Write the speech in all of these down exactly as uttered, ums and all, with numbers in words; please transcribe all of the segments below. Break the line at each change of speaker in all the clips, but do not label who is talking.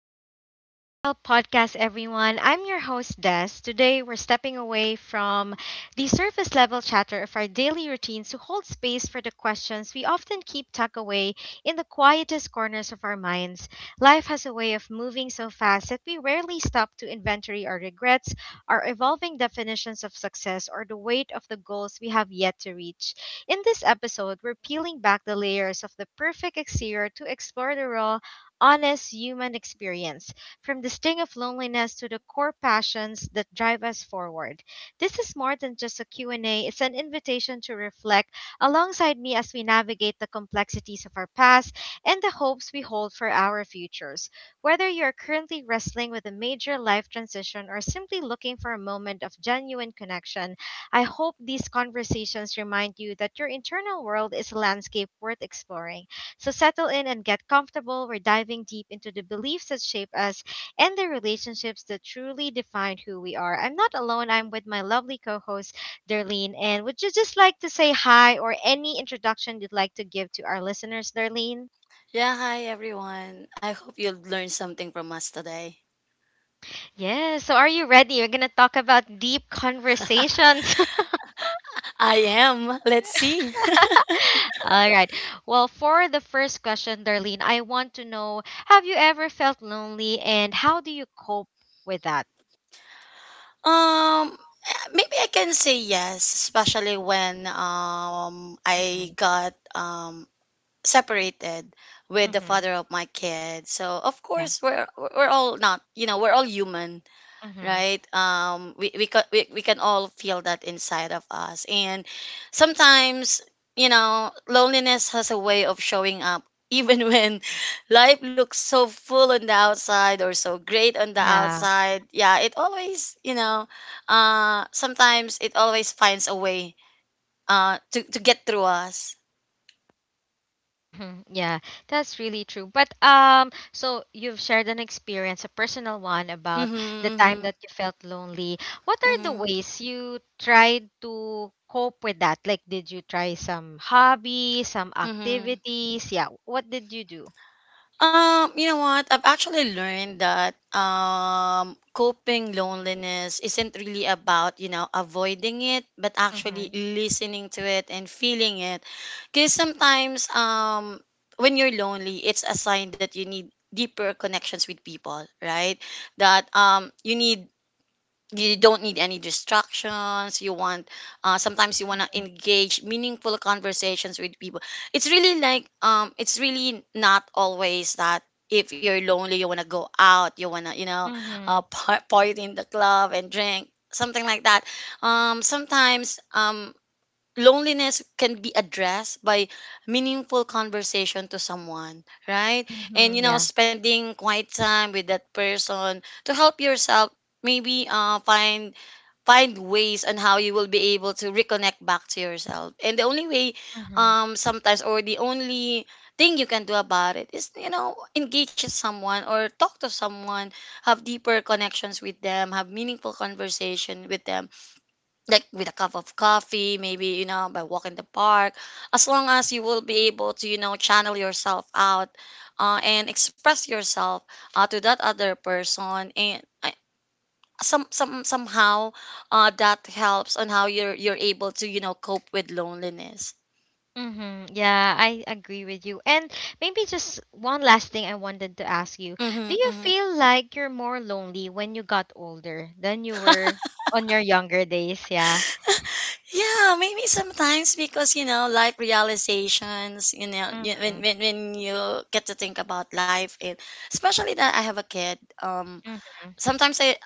Welcome to the Lifestyle Podcast, everyone. I'm your host, Des. Today, we're stepping away from the surface level chatter of our daily routines to hold space for the questions we often keep tucked away in the quietest corners of our minds. Life has a way of moving so fast that we rarely stop to inventory our regrets, our evolving definitions of success, or the weight of the goals we have yet to reach. In this episode, we're peeling back the layers of the perfect exterior to explore the raw, honest human experience, from the sting of loneliness to the core passions that drive us forward. This is more than just a Q and A, it's an invitation to reflect alongside me as we navigate the complexities of our past and the hopes we hold for our futures. Whether you're currently wrestling with a major life transition or simply looking for a moment of genuine connection, I hope these conversations remind you that your internal world is a landscape worth exploring. So settle in and get comfortable. We're diving deep into the beliefs that shape us and the relationships that truly define who we are. I'm not alone. I'm with my lovely co-host, Darlene. And would you just like to say hi or any introduction you'd like to give to our listeners, Darlene?
Yeah, hi everyone. I hope you learned something from us today.
Yes. So are you ready? We're gonna talk about deep conversations.
I am. Let's see.
All right. Well, for the first question, Darlene, I want to know: have you ever felt lonely, and how do you cope with that?
Um Maybe I can say yes, especially when um I
Mm-hmm.
got um separated with the
Mm-hmm.
father of my kid. So, of
Yeah.
course, we're we're all not, you know, we're all human.
Mm-hmm.
Right, um we we, ca- we we can all feel that inside of us, and sometimes, you know, loneliness has a way of showing up even when life looks so full on the outside or so great on the
Yeah.
outside, yeah, it always, you know, uh sometimes it always finds a way uh to to get through us.
Hmm. Yeah, that's really true. But um, so you've shared an experience, a personal one, about
Mhm,
the time
mhm,
that you felt lonely. What are the
mhm,
ways you tried to cope with that? Like, did you try some hobby, some
mhm.
activities? Yeah. What did you do?
Um, you know what? I've actually learned that um coping loneliness isn't really about, you know, avoiding it, but actually
Mm-hmm.
listening to it and feeling it. Cuz sometimes, um when you're lonely, it's a sign that you need deeper connections with people, right? That um you need, you don't need any distractions, you want, uh, sometimes you want to engage meaningful conversations with people. It's really like, um it's really not always that if you're lonely you want to go out, you want to, you know, uh,
Mm-hmm.
par- party in the club and drink something like that. um sometimes, um loneliness can be addressed by meaningful conversation to someone, right? And,
Mm-hmm.
you know,
Yeah.
spending quiet time with that person to help yourself, maybe uh, find find ways on how you will be able to reconnect back to yourself. And the only way,
Mm-hmm.
um sometimes, or the only thing you can do about it is, you know, engage with someone or talk to someone, have deeper connections with them, have meaningful conversation with them, like with a cup of coffee, maybe, you know, by walking the park, as long as you will be able to, you know, channel yourself out uh, and express yourself uh, to that other person. And I, some some somehow, uh, that helps on how you're you're able to, you know, cope with loneliness.
Mm-hmm. Yeah, I agree with you. And maybe just one last thing I wanted to ask you.
Mm-hmm,
Do you
mm-hmm.
feel like you're more lonely when you got older than you were on your younger days? Yeah.
Yeah, maybe sometimes, because, you know, life realizations. You know, y- when
Mm-hmm.
when when you get to think about life, and especially that I have a kid. Um,
Mm-hmm.
sometimes I,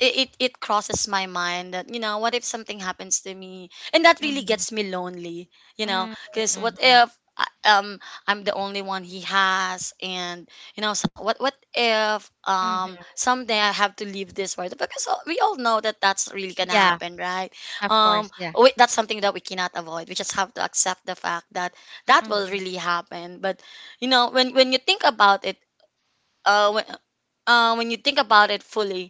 it, it it crosses my mind that, you know, what if something happens to me? And that really
Mm-hmm.
gets me lonely, you know, because what
Mm-hmm.
if I- um I'm the only one he has? And, you know, so what what if, um
Mm-hmm.
someday I have to leave this world, because all- we all know that that's really gonna
Yeah,
happen, right?
of course.
um
Yeah.
we, that's something that we cannot avoid, we just have to accept the fact that that will
Mm-hmm.
really happen. But, you know, when when you think about it, uh when, uh, when you think about it fully,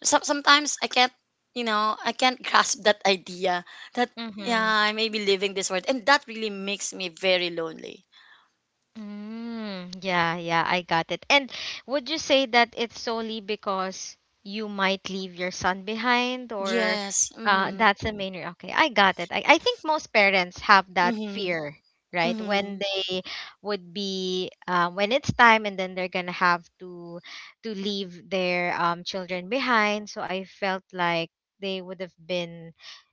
so, sometimes I can't, you know, I can't grasp that idea, that, yeah,
Mm-hmm.
I may be leaving this world, and that really makes me very lonely.
Mm, yeah, yeah, I got it. And would you say that it's solely because you might leave your son behind, or
Yes.
uh,
Mm-hmm.
that's the main re-. Okay, I got it. I, I think most parents have that
Mm-hmm.
fear, right? When
Mm-hmm.
they would be uh, when it's time, and then they're gonna have to to leave their um children behind. So I felt like they would have been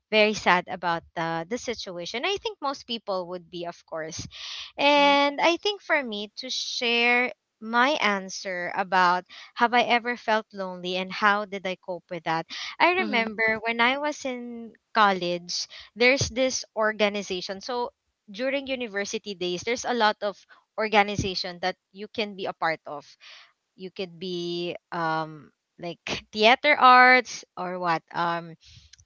very sad about the the situation. I think most people would be, of course.
Mm-hmm.
And I think for me to share my answer about, have I ever felt lonely and how did I cope with that? I
Mm-hmm.
remember when I was in college, there's this organization. So during university days, there's a lot of organization that you can be a part of. You could be um like theater arts or what, um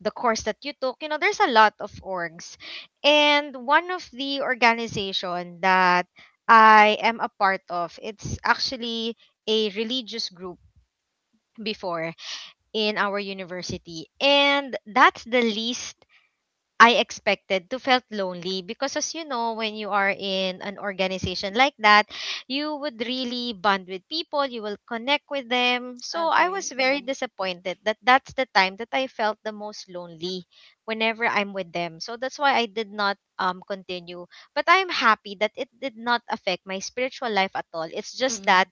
the course that you took, you know, there's a lot of orgs. And one of the organization that I am a part of, it's actually a religious group before in our university. And that's the least I expected to felt lonely, because as you know, when you are in an organization like that, you would really bond with people, you will connect with them. So I
Agree.
was very
Mm-hmm.
disappointed that that's the time that I felt the most lonely whenever I'm with them. So that's why I did not um continue. But I'm happy that it did not affect my spiritual life at all. It's just that
Mm-hmm.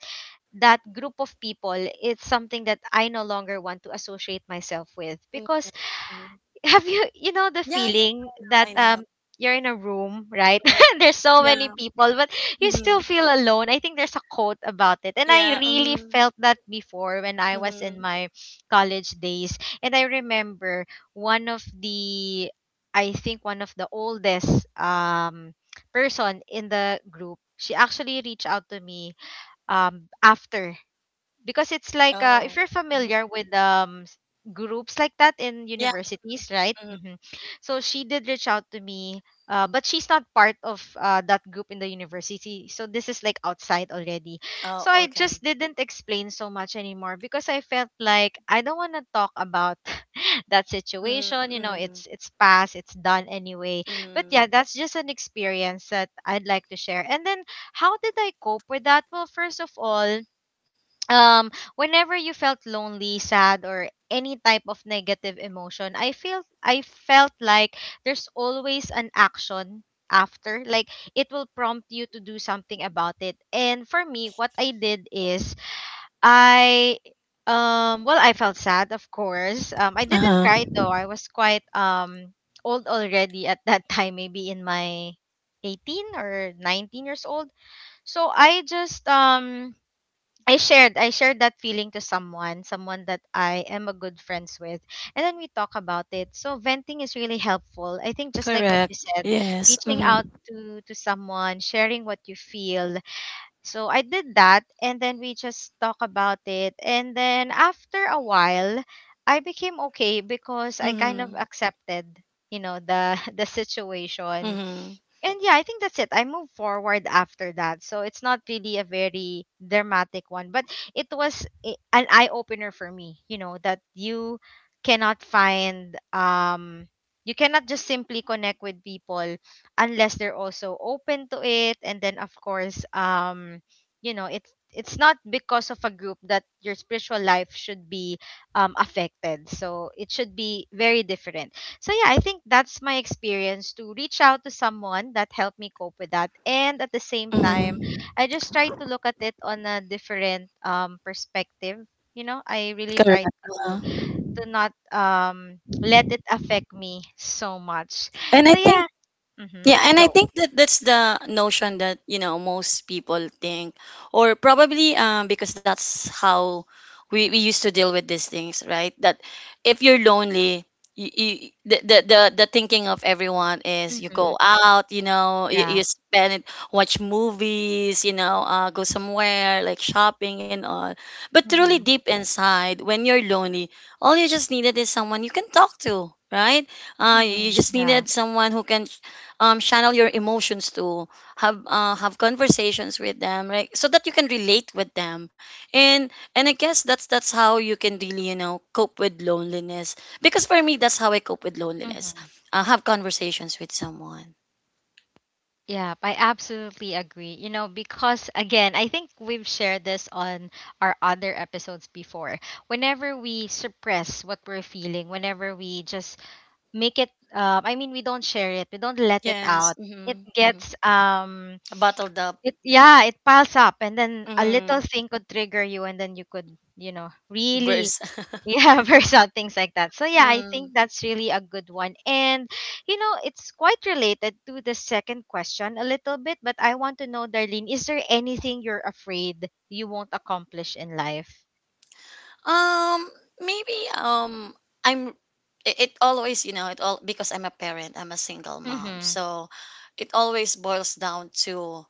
that group of people, it's something that I no longer want to associate myself with. Because
Mm-hmm.
have you, you know, the
Yeah. Yeah.
feeling that
I know.
um you're in a room, right?
Mm-hmm.
There's so many
Yeah.
people but you still
Mm-hmm.
feel alone. I think there's a quote about it and I
Yeah.
really
Mm-hmm.
felt that before when I was
Mm-hmm.
in my college days. And I remember one of the, I think one of the oldest um person in the group, she actually reached out to me um after. Because it's like, uh, if
Oh.
you're
Mm-hmm.
familiar with um s- groups like that in
Yeah.
universities, right?
Mm-hmm.
Hmm. So she did reach out to me, uh, but she's not part of uh, that group in the university, so this is like outside already. So
Oh.
I
Okay.
just didn't explain so much anymore because I felt like I don't want to talk about that situation.
Mm-hmm.
You know,
Mm-hmm.
it's it's past, it's done anyway. But
Mm-hmm.
yeah, that's just an experience that I'd like to share. And then, how did I cope with that? Well, first of all, um whenever you felt lonely, sad, or any type of negative emotion, i feel I felt like there's always an action after, like it will prompt you to do something about it. And for me, what I did is I, um well, I felt sad, of course. um I
Uh
didn't
huh.
cry though. I was quite um old already at that time, maybe in my eighteen or nineteen years old. So I just um, I shared I shared that feeling to someone, someone that I am a good friends with. And then we talk about it. So venting is really helpful. I think just like what
Correct.
you said,
Yes.
reaching out
Mm-hmm.
to to someone, sharing what you feel. So I did that and then we just talk about it. And then after a while, I became okay because I kind of
Mm-hmm.
accepted, you know, the the situation.
Mhm,
And yeah, I think that's it. I moved forward after that. So it's not really a very dramatic one, but it was a-, an eye opener for me, you know, that you cannot find um, you cannot just simply connect with people unless they're also open to it. And then of course um you know, it's it's not because of a group that your spiritual life should be um affected. So it should be very different. So yeah, I think that's my experience, to reach out to someone that helped me cope with that. And at the same time,
mhm,
I just tried to look at it on a different um perspective. You know, I really
correct,
tried to
oo.
to not um let it affect me so much.
And I
So
think,
yeah. Mhm.
yeah, and I
Go.
think that that's the notion that, you know, most people think, or probably, um, because that's how we, we used to deal with these things, right? That if you're lonely, you, you, the, the the the thinking of everyone is you go
Mhm.
out, you know, you,
Yeah.
you spend it, watch movies, you know, uh, go somewhere like shopping and all. But truly
Mhm.
deep inside, when you're lonely, all you just needed is someone you can talk to, right? uh, you
Mhm.
just
Yeah.
needed someone who can, um, channel your emotions to, have uh, have conversations with them, right, so that you can relate with them. And and I guess that's that's how you can really, you know, cope with loneliness, because for me, that's how I cope with loneliness,
Mhm.
uh, have conversations with someone.
Yeah, I absolutely agree. You know, because again, I think we've shared this on our other episodes before. Whenever we suppress what we're feeling, whenever we just make it, uh, I mean, we don't share it, we don't let it
Yes,
out. It
mm-hmm, mm-hmm.
gets, um,
Bottled up.
it, yeah, it piles up, and then a
Mm-hmm.
little thing could trigger you, and then you could, you know, really
Burst.
yeah verse out things like that. So yeah, I think
Mm.
that's really a good one. And you know, it's quite related to the second question a little bit, but I want to know, Darlene, is there anything you're afraid you won't accomplish in life?
Um, Maybe, um I'm, it, it always, you know, it all because I'm a parent, I'm a single mom.
Mm-hmm.
So it always boils down to,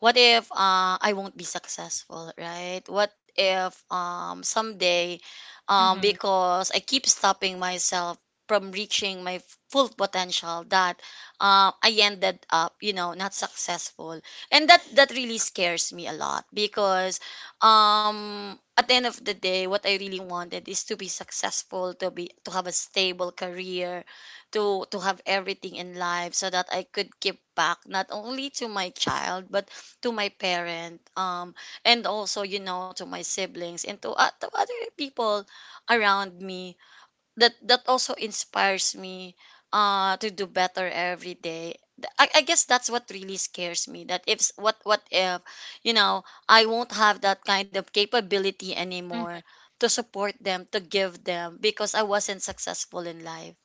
what if, uh, I won't be successful, right? What if, um, someday, um,
Mm-hmm.
because I keep stopping myself from reaching my full potential, that, uh, I ended up, you know, not successful, and that that really scares me a lot, because, um, at the end of the day, what I really wanted is to be successful, to be, to have a stable career, to to have everything in life, so that I could give back not only to my child, but to my parent, um and also, you know, to my siblings and to, uh, to other people around me, that that also inspires me uh to do better every day. Th- I, I guess that's what really scares me. That if, s- what what if, you know, I won't have that kind of capability anymore
Mm-hmm.
to support them, to give them, because I wasn't successful in life.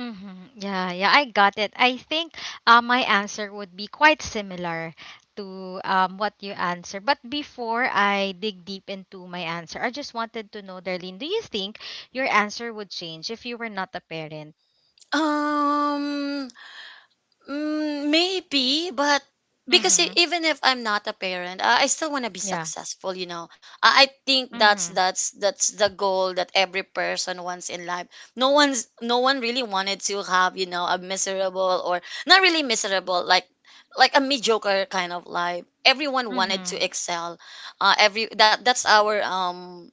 Mm-hmm. Yeah, yeah, I got it. I think uh, my answer would be quite similar to um, what you answer. But before I dig deep into my answer, I just wanted to know, Darlene, do you think your answer would change if you were not a parent?
um Mm, maybe, but because, e-
Mhm.
even if I'm not a parent, uh, I still want to be
Yeah.
successful. You know, I I think that's
Mhm.
that's that's the goal that every person wants in life. No one's no one really wanted to have, you know, a miserable or, not really miserable, like like a mediocre kind of life. Everyone wanted to
Mhm.
excel. Uh, every that that's our, um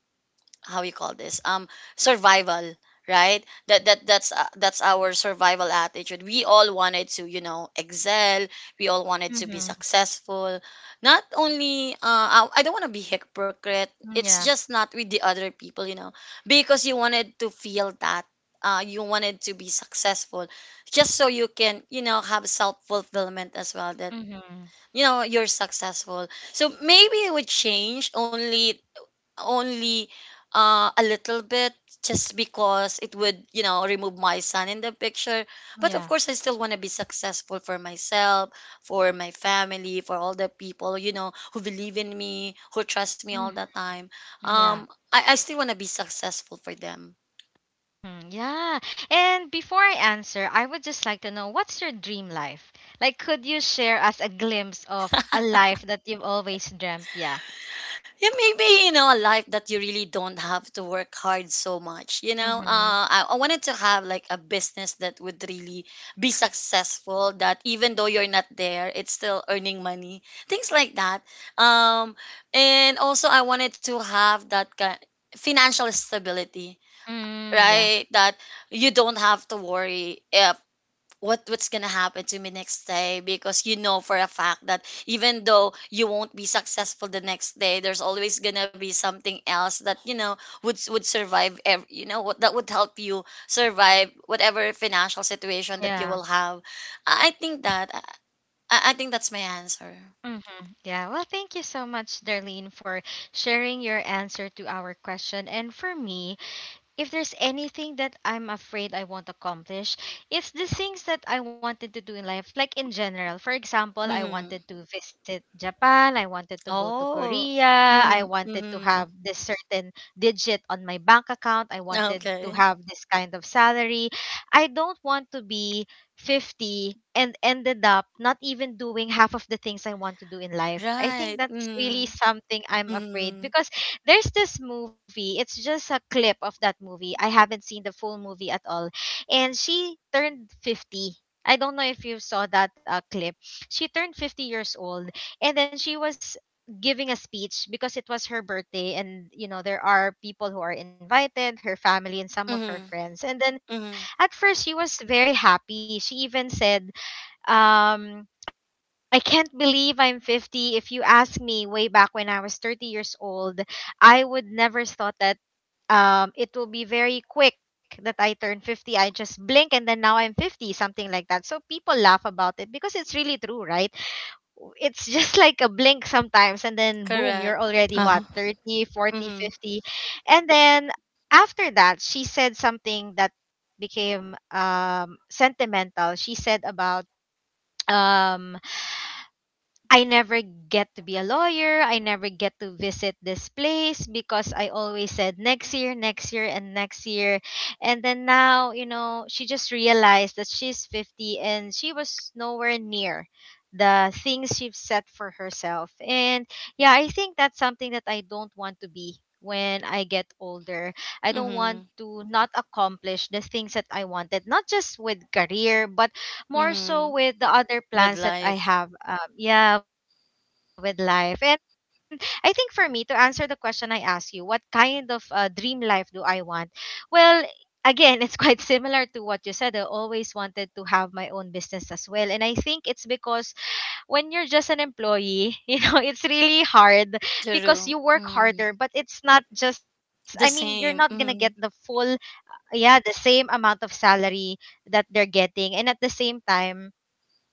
how you call this, um survival, right? That that that's uh, that's our survival attitude. We all wanted to, you know, excel, we all wanted to be
Mhm.
successful, not only, uh i, I don't want to be hypocrite.
Mm,
It's
yeah.
just not with the other people, you know, because you wanted to feel that, uh, you wanted to be successful just so you can, you know, have self-fulfillment as well, that,
Mhm.
you know, you're successful. So maybe it would change only, only uh, a little bit, just because it would, you know, remove my son in the picture. But of
Yeah.
course, I still want to be successful for myself, for my family, for all the people, you know, who believe in me, who trust me all
Mhm.
the time.
Yeah.
um i, I still want to be successful for them.
Mhm. Yeah. And before I answer, I would just like to know, what's your dream life? Like, could you share us a glimpse of a life that you've always dreamt? Yeah.
Yeah, maybe, you know, a life that you really don't have to work hard so much. You know, uh,
Mhm.
I, I wanted to have like a business that would really be successful. That even though you're not there, it's still earning money. Things like that. Um, and also I wanted to have that kind financial stability,
Mm, yeah.
right? That you don't have to worry if what what's gonna happen to me next day, because you know for a fact that even though you won't be successful the next day, there's always gonna be something else that, you know, would would survive, ev- you know what, that would help you survive whatever financial situation that you
Yeah.
will have. I I think that, i, I think that's my answer.
Mhm. Yeah. Well, thank you so much, Darlene, for sharing your answer to our question. And for me, if there's anything that I'm afraid I won't accomplish, it's the things that I wanted to do in life, like in general. For example, I
Mm-hmm.
wanted to visit Japan, I wanted to go to
Oh.
Korea, I wanted to
Mm-hmm.
have this certain digit on my bank account, I wanted to
Okay.
have this kind of salary. I don't want to be fifty and ended up not even doing half of the things I want to do in life. I think
Right.
that's really
Mm-hmm.
something I'm
Mm-hmm.
afraid, because there's this movie. It's just a clip of that movie. I haven't seen the full movie at all. And she turned fifty. I don't know if you saw that uh, clip. She turned fifty years old and then she was giving a speech because it was her birthday. And you know, there are people who are invited, her family and some of her
Mm-hmm.
friends. And then at
Mm-hmm.
first she was very happy, she even said, um "I can't believe I'm fifty. If you ask me way back when I was thirty years old, I would never thought that um it will be very quick that I turn fifty. I just blink and then now I'm fifty" something like that. So people laugh about it because it's really true, right? It's just like a blink sometimes and then boom, you're already
Correct.
what,
Uh-huh.
thirty, forty, fifty.
Mm-hmm.
And then after that, she said something that became um sentimental. She said about um I never get to be a lawyer. I never get to visit this place because I always said next year, next year, and next year. And then now, you know, she just realized that she's fifty and she was nowhere near the things she set for herself. And yeah, I think that's something that I don't want to be when I get older. I don't want
Mm-hmm.
to not accomplish the things that I wanted, not just with career, but more so
Mm,
with the other
with
plans that I
life,
have, um, yeah, with life. And I think for me, to answer the question I asked you, what kind of uh, dream life do I want? Well, again, it's quite similar to what you said. I always wanted to have my own business as well. And I think it's because when you're just an employee, you know, it's really hard, because you
true.
work harder,
Mm,
but it's not just, I mean, you're
the
not going to get
same.
the
Mm,
full, yeah, the same amount of salary that they're getting. And at the same time,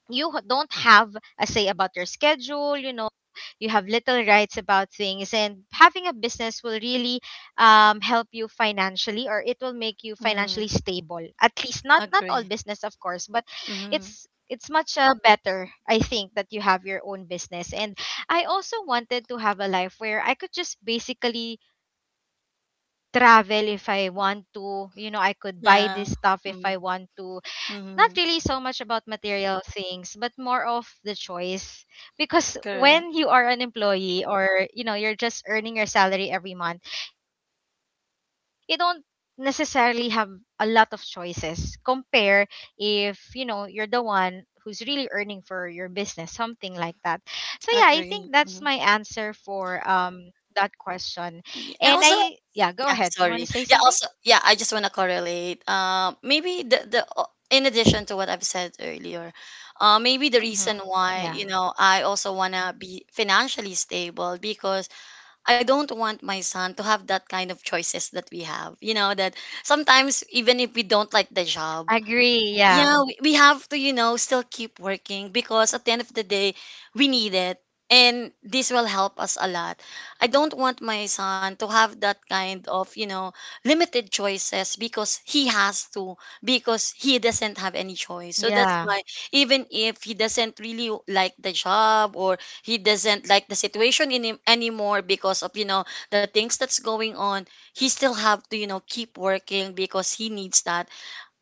you h- don't have a say about your schedule, you know you have little rights about things. And having a business will really um, help you financially, or it will make you
mm,
financially stable, at least. not
agree.
not all business, of course, but
Mm,
it's it's much uh, better, I think, that you have your own business. And I also wanted to have a life where I could just basically travel if I want to, you know I could buy
yeah.
this stuff if
Mm,
I want to,
mm,
not really so much about material things but more of the choice. Because
correct.
when you are an employee, or you know you're just earning your salary every month, you don't necessarily have a lot of choices, compare if you know you're the one who's really earning for your business, something like that. So yeah, I think that's my
Agree.
answer
Mm.
for um that question. And
Yeah,
I,
and also,
yeah, go ahead. You want
yeah.
to say something?
Sorry. Yeah. Also, yeah. I just want to correlate. Uh, maybe the the o- in addition to what I've said earlier, uh, maybe the reason
Mm-hmm.
why, you
Yeah,
know, I also wanna be financially stable, because I don't want my son to have that kind of choices that we have. You know, that sometimes even if we don't like the job,
agree. Yeah,
yeah, we, we have to, you know, still keep working, because at the end of the day, we need it, and this will help us a lot. I don't want my son to have that kind of, you know, limited choices because he has to, because he doesn't have any choice, so that's
yeah,
why even if he doesn't really like the job, or he doesn't like the situation in him anymore, because of, you know, the things that's going on, he still have to, you know, keep working because he needs that.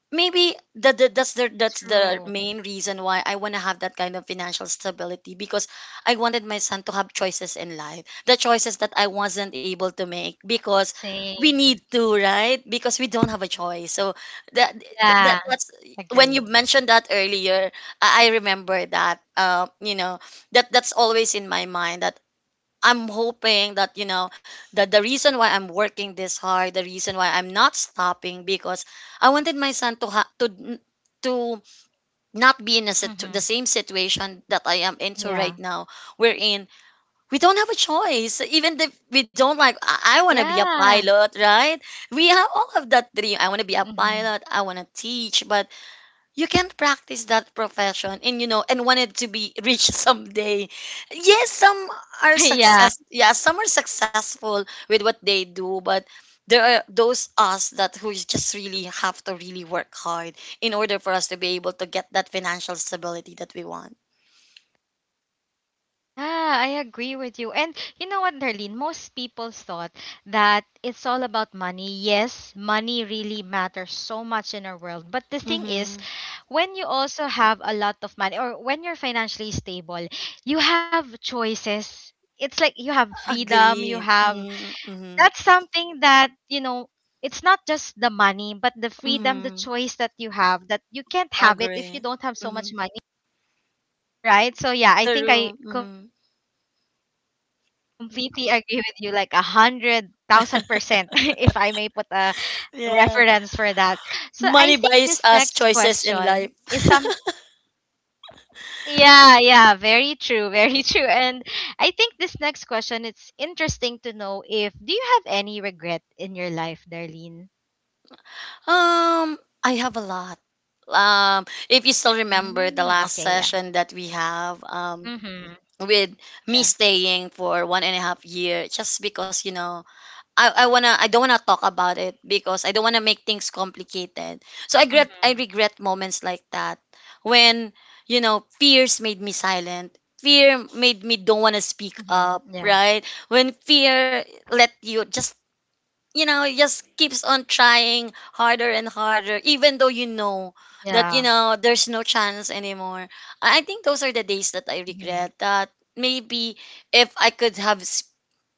Maybe that, that that's the that's the
true.
main reason why I want to have that kind of financial stability, because I wanted my son to have choices in life, the choices that I wasn't able to make, because we
Same.
need to, right, because we don't have a choice. So that,
Yeah,
that that's,
agree.
when you mentioned that earlier, I I remember that, uh, you know, that that's always in my mind. That I'm hoping that, you know, that the reason why I'm working this hard, the reason why I'm not stopping, because I wanted my son to ha- to n- to not be in a situ- the
Mhm.
same situation that I am into right
Yeah.
now, wherein we don't have a choice. Even if we don't like, I, I want to be a
Yeah.
pilot, right? We have all of that dream. I want to be a
Mhm.
pilot. I want to teach, but you can't practice that profession and you know and want it to be rich someday. yes some are
Yeah.
success yeah some are successful with what they do, but there are those us that who is just really have to really work hard in order for us to be able to get that financial stability that we want.
Yeah, I agree with you. And you know what, Darlene? Most people thought that it's all about money. Yes, money really matters so much in our world. But the thing is,
Mm-hmm.
when you also have a lot of money or when you're financially stable, you have choices. It's like you have freedom, you
Agree.
have,
Mm-hmm, mm-hmm.
that's something that you know it's not just the money but the freedom, the
Mm-hmm.
choice that you have, that you can't have it
Agree.
if you don't have so
Mm-hmm.
much money, right? So yeah, I
True.
think I
Mm-hmm.
completely agree with you, like a hundred thousand percent. If I may put a reference for that.
Yeah,
So I think this next
money buys
question
us
is
choices
some,
in life.
yeah, yeah, very true, very true. And I think this next question, it's interesting to know, if do you have any regret in your life, Darlene?
Um, I have a lot. Um, if you still remember
Mhm,
the
okay,
last
yeah.
session that we have, um,
Mhm,
with
yeah.
me staying for one and a half year, just because you know, I, I wanna, I don't wanna talk about it because I don't wanna make things complicated. So I regret,
Mhm,
I regret moments like that when you know fears made me silent. Fear made me don't wanna speak
mhm,
up,
yeah,
right? When fear let you just you know it just keeps on trying harder and harder, even though you know
yeah.
that you know there's no chance anymore. I I think those are the days that I
Mhm,
regret, that maybe if I could have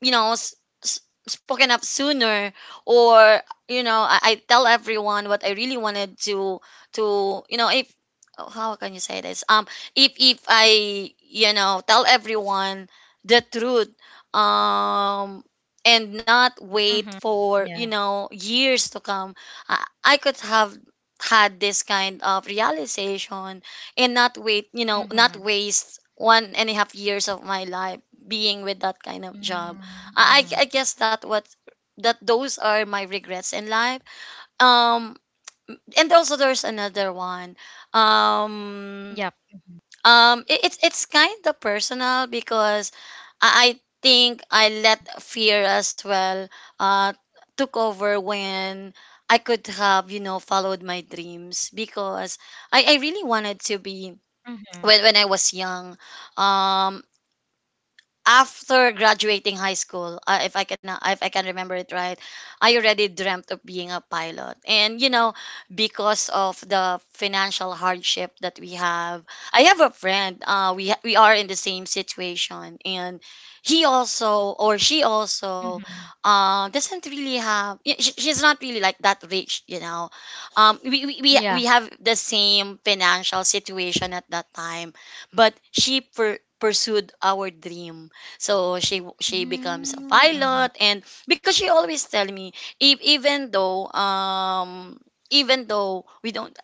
you know s- s- spoken up sooner, or you know I, I tell everyone what I really wanted to to. You know if Oh, how can you say this? um if if I you know tell everyone the truth, um and not
mhm,
wait for
yeah.
you know years to come. I, I could have had this kind of realization, and not wait you know
Mhm,
not waste one and a half years of my life being with that kind of job.
mm,
I,
mhm.
I I guess that what that those are my regrets in life. Um, and also there's another one.
Yep.
Um, um, it, it's it's kind of personal because I, I think I
Mhm,
let fear as well uh took over when I could have you know followed my dreams, because I I really wanted to be
mhm,
when when I was young. Um, After graduating high school, uh, if I can uh, if I can remember it right, I already dreamt of
yeah.
being a pilot. And you know, because of
Mm,
the
mhm,
financial hardship that we have, I have a friend. Uh, we ha- we are in the same situation, and he also or she also
mhm,
uh, doesn't really have. y- sh- She's not really like that rich, you know. Um, we, we we
yeah.
we have the same financial situation at that time, but she per- pursued our dream, so she w- she becomes a
Mm, mhm,
pilot. And because she always tell me, if, even though um even though we don't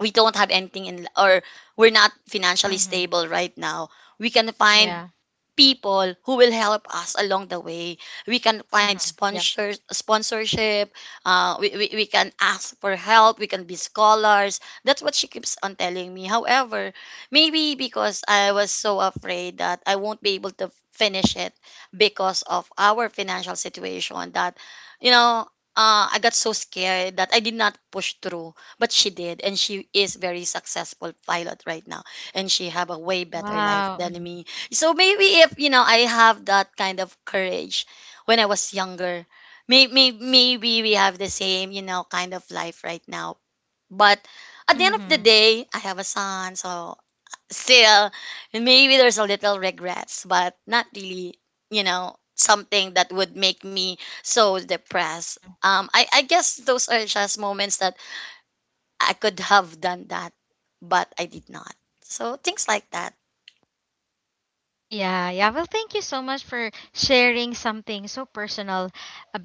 we don't have anything in, or we're not financially
mhm,
stable right now, we can find
yeah.
people who will help us along the way. We can find
Mhm, yep.
sponsors, sponsorship. Uh, we, we, we can ask for help. We can be scholars. That's what she keeps on telling me. However, maybe because I was so afraid that I won't be able to finish it because of our financial situation, that, you know, uh, I got so scared that I did not push through. But she did, and she is very successful pilot right now, and she have a way better life
Wow.
than me. So maybe if you know I have that kind of courage when I was younger, maybe maybe we have the same you know kind of life right now. But at the end of
Mhm,
the day, I have a son, so still, and maybe there's a little regrets, but not really you know something that would make me so
mhm,
depressed.
mhm.
Um, I I guess those are just moments that I could have done that, but I did not. So things like that.
Yeah, yeah. Well, thank you so much for sharing something so personal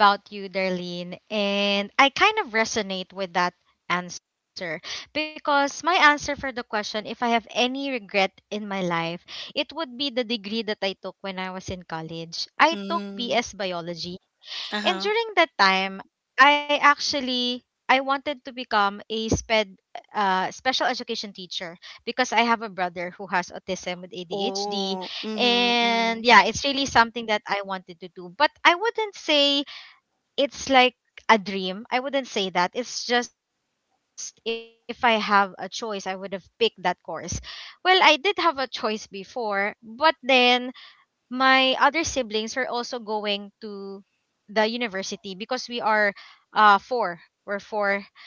about you, Darlene. And I kind of resonate with that answer, because my answer for the question, if I have any regret in my life, it would be the degree that I took when I was in college. I took
Mm,
B S biology,
uh
and
huh.
during that time, I actually I wanted to become a sped uh, special education teacher, because I have a brother who has autism with A D H D.
Oh, mhm,
And
mm,
yeah, it's really something that I wanted to do. But I wouldn't say it's like a dream. I wouldn't say that. It's just, if I have a choice, I would have picked that course. Well, I did have a choice before, but then my other siblings were also going to the university, because we are uh four. We're four.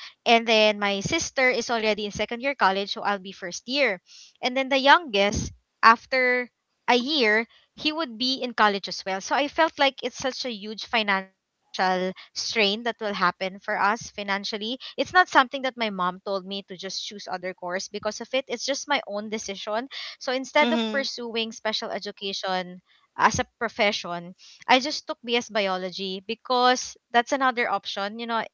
And then my sister is already in second year college, so I'll be first year. And then the youngest, after a year, he would be in college as well. So I felt like it's such a huge financial strain that will happen for us financially. It's not something that my mom told me to just choose other course because of it. It's just my own decision. So instead of
mhm.
pursuing special education as a profession, I just took B S biology because that's another option. You know, I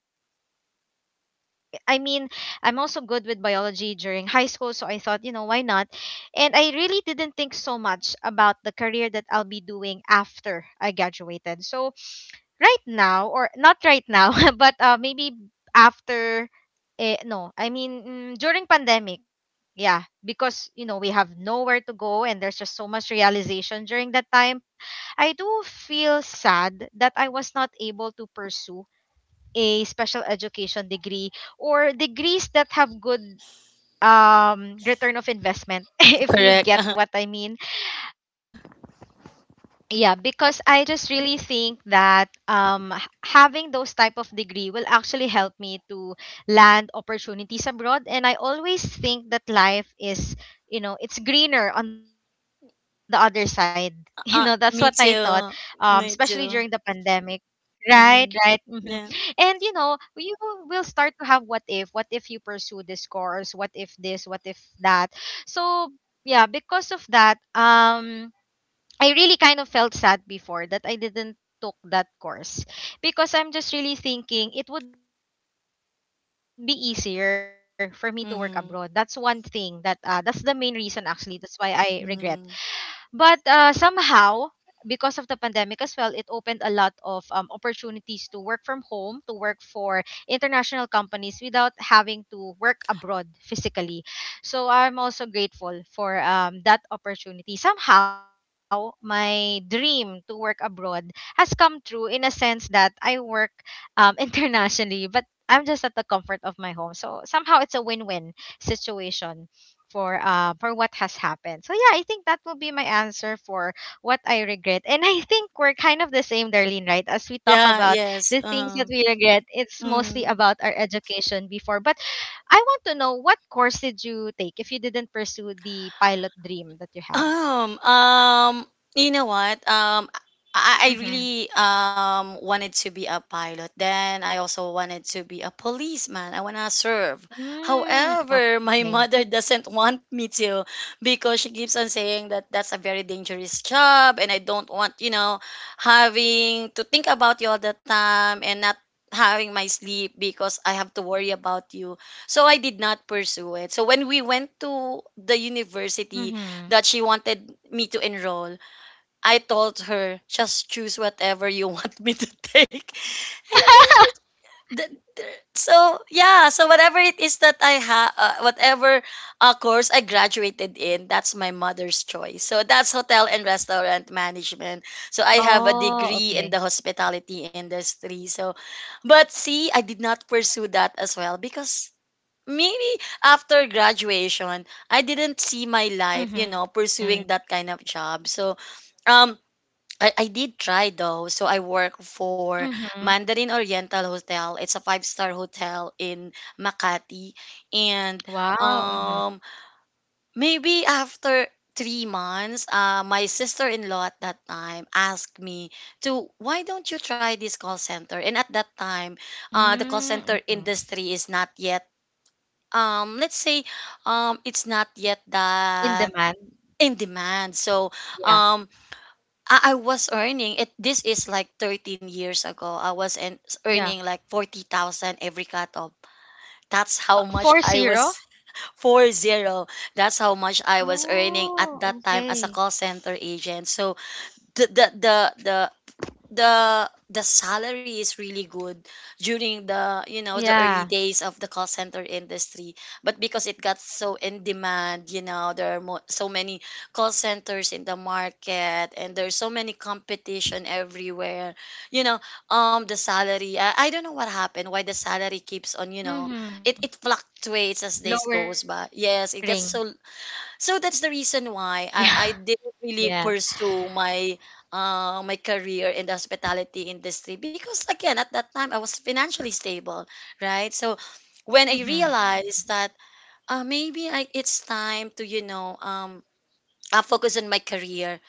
mean, I'm also good with biology during high school, so I thought, you know, why not? And I really didn't think so much about the career that I'll be doing after I graduated. So, right now, or not right now, but uh, maybe after, eh, no, I mean, mm, during pandemic, yeah, because you know we have nowhere to go, and there's just so much realization during that time. I do feel sad that I was not able to pursue a special education degree, or degrees that have good um return of investment, if you
Correct.
get
Uh-huh.
what I mean.
Uh,
Yeah, because I just really think that um h- having those type of degree will actually help me to land opportunities abroad, and I always think that life is, you know, it's greener on the other side. You know, that's what I thought,
uh, me
um especially
too.
during the
Me too.
pandemic. Right, right. Hmm.
Mhm.
And you
Yeah.
know, you will start to have what if, what if you pursue this course, what if this, what if that. So, yeah, because of that, um I really kind of felt sad before that I didn't took that course, because I'm just really thinking it would be easier for me to work abroad. That's one thing that uh, that's
Mhm.
the main reason actually. That's why I regret. But uh,
Mhm.
somehow, because of the pandemic as well, it opened a lot of um, opportunities to work from home, to work for international companies without having to work abroad physically. So I'm also grateful for um, that opportunity. Somehow, my dream to work abroad has come true in a sense that I work um, internationally, but I'm just at the comfort of my home. So somehow it's a win win situation for uh for what has happened. So yeah, I think that will be my answer for what I regret. And I think we're kind of the same, Darlene, right? As we talk
Yeah.
about
Yes.
the
Um.
things that we regret, it's
Mhm.
mostly about our education before. But I want to know, what course did you take if you didn't pursue the pilot dream that you
Um,
have?
um, you know what? Um, I, I really
Mm-hmm.
um wanted to be a pilot. Then I also wanted to be a policeman. I wanna serve. However,
Mm,
my
oh,
mother
okay.
doesn't want me to, because she keeps on saying that
Yeah.
that's a very dangerous job, and I don't want you know having to think about you all the time, and not having my sleep because I have to worry about you. So I did not pursue it. So when we went to the
Mm-hmm.
university that she wanted me to enroll, I told her, just choose whatever you want me to take. And then she,
Mm-hmm.
the, the- So yeah, so whatever it is that I have, uh, whatever uh, course I graduated in, that's my mother's choice. So that's hotel and restaurant management. So I have a
Oh,
degree in the
okay.
hospitality industry. So, but see, I did not pursue that as well, because maybe after graduation, I didn't see my life, you know,
Mm-hmm.
pursuing that kind of job. So, um, I, I did try though. So I work for
Mm-hmm.
Mandarin Oriental Hotel. It's a five star hotel in Makati, and
Wow. Mm-hmm.
um, maybe after three months, uh, my sister in law at that time asked me to, why don't you try this call center? And at that time, uh, the call center
Mm-hmm.
industry is not yet, um let's say, um it's not yet
In
that
demand.
in demand. So
Yeah.
um I, I was earning, it, this is like thirteen years ago, I was in,
Yeah.
earning like forty thousand every cut off. That's
Uh,
how much
4
I
zero.
was. forty, that's how much I was earning at
Oh,
that time as a
okay.
call center agent. So the the the, the the the salary is really good during the you know the early
Yeah.
days of the call center industry. But because it got so in demand, you know there are mo- so many call centers in the market, and there's so many competition everywhere, you know um the salary, I, I don't know what happened, why the salary keeps on, you know
Mm-hmm.
it it fluctuates as days goes
Lowering.
by.
Yeah.
Yes, it gets so.
Yeah.
So that's the reason why I, I didn't really pursue my uh, my career in the hospitality industry, because again at that time I was financially stable, right? So when I
Mm-hmm.
realized that uh, maybe I, it's time to you know um, uh, focus on my career,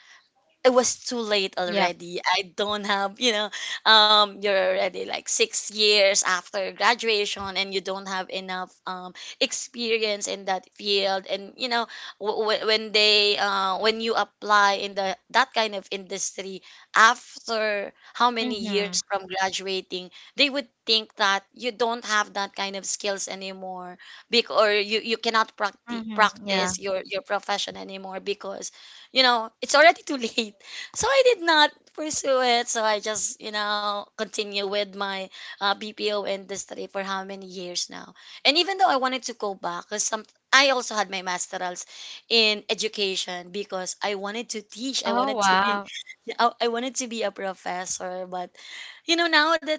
it was too late
Yep.
already. I don't have, you know, um, you're already like six years after graduation, and you don't have enough um, experience in that field. And, you know, w- w- when they, uh, when you apply in the that kind of industry after how many
Mm-hmm.
years from graduating, they would think that you don't have that kind of skills anymore, because or you, you cannot practi-
Mm-hmm.
practice
Yeah.
your, your profession anymore, because you know, it's already too late. So I did not pursue it. So I just, you know, continue with my uh, B P O industry for how many years now. And even though I wanted to go back, because some I also had my masterals in education, because I wanted to teach. I
Oh,
wanted to be,
wow.
I I wanted to be a professor. But you know, now that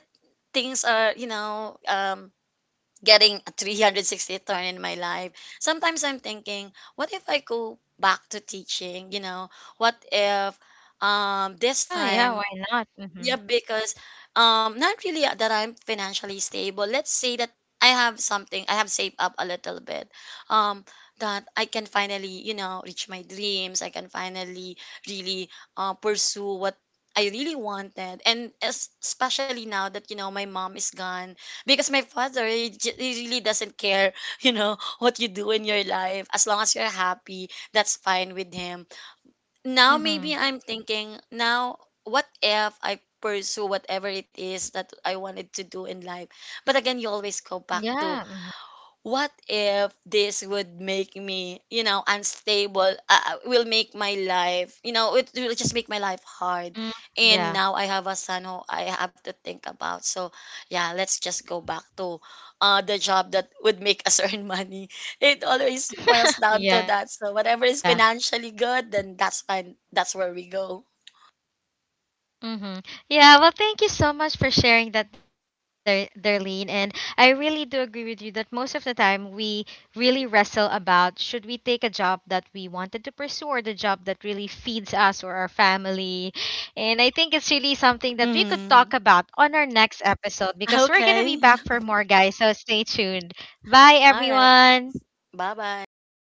things are, you know, um, getting a three hundred sixty turn in my life. Sometimes I'm thinking, what if I go back to teaching? You know, what if, um, this
Yeah, yeah,
time.
why not?
Yep,
Mm-hmm.
because um not really that I'm financially stable. Let's say that I have something, I have saved up a little bit. Um that I can finally, you know, reach my dreams. I can finally really uh, pursue what I really wanted. And es- especially now that, you know, my mom is gone, because my father he, j- he really doesn't care, you know, what you do in your life. As long as you're happy, that's fine with him. Now maybe I'm
Mm-hmm.
thinking now, what if I pursue whatever it is that I wanted to do in life? But again you always go back to,
Yeah. Mm-hmm.
what if this would make me, you know unstable, uh, uh, will make my life you
Mm,
know it will just
yeah.
make my life hard. And now I have a son who I have to think about, so yeah, let's just go back to uh, the job that would make us earn money. It always boils down to that.
Yeah.
So whatever is financially good, then that's fine, that's where we go.
Mm-hmm. Yeah, well, thank you so much for sharing that, Der- Darlene. And I really do agree with you that most of the time we really wrestle about, should we take a job that we wanted to pursue or the job that really feeds us or our family. And I think it's really something that we could talk
Mm.
about on our next episode, because we're going to
Okay.
be back for more, guys. So stay tuned. Bye,
All right.
everyone.
Bye bye.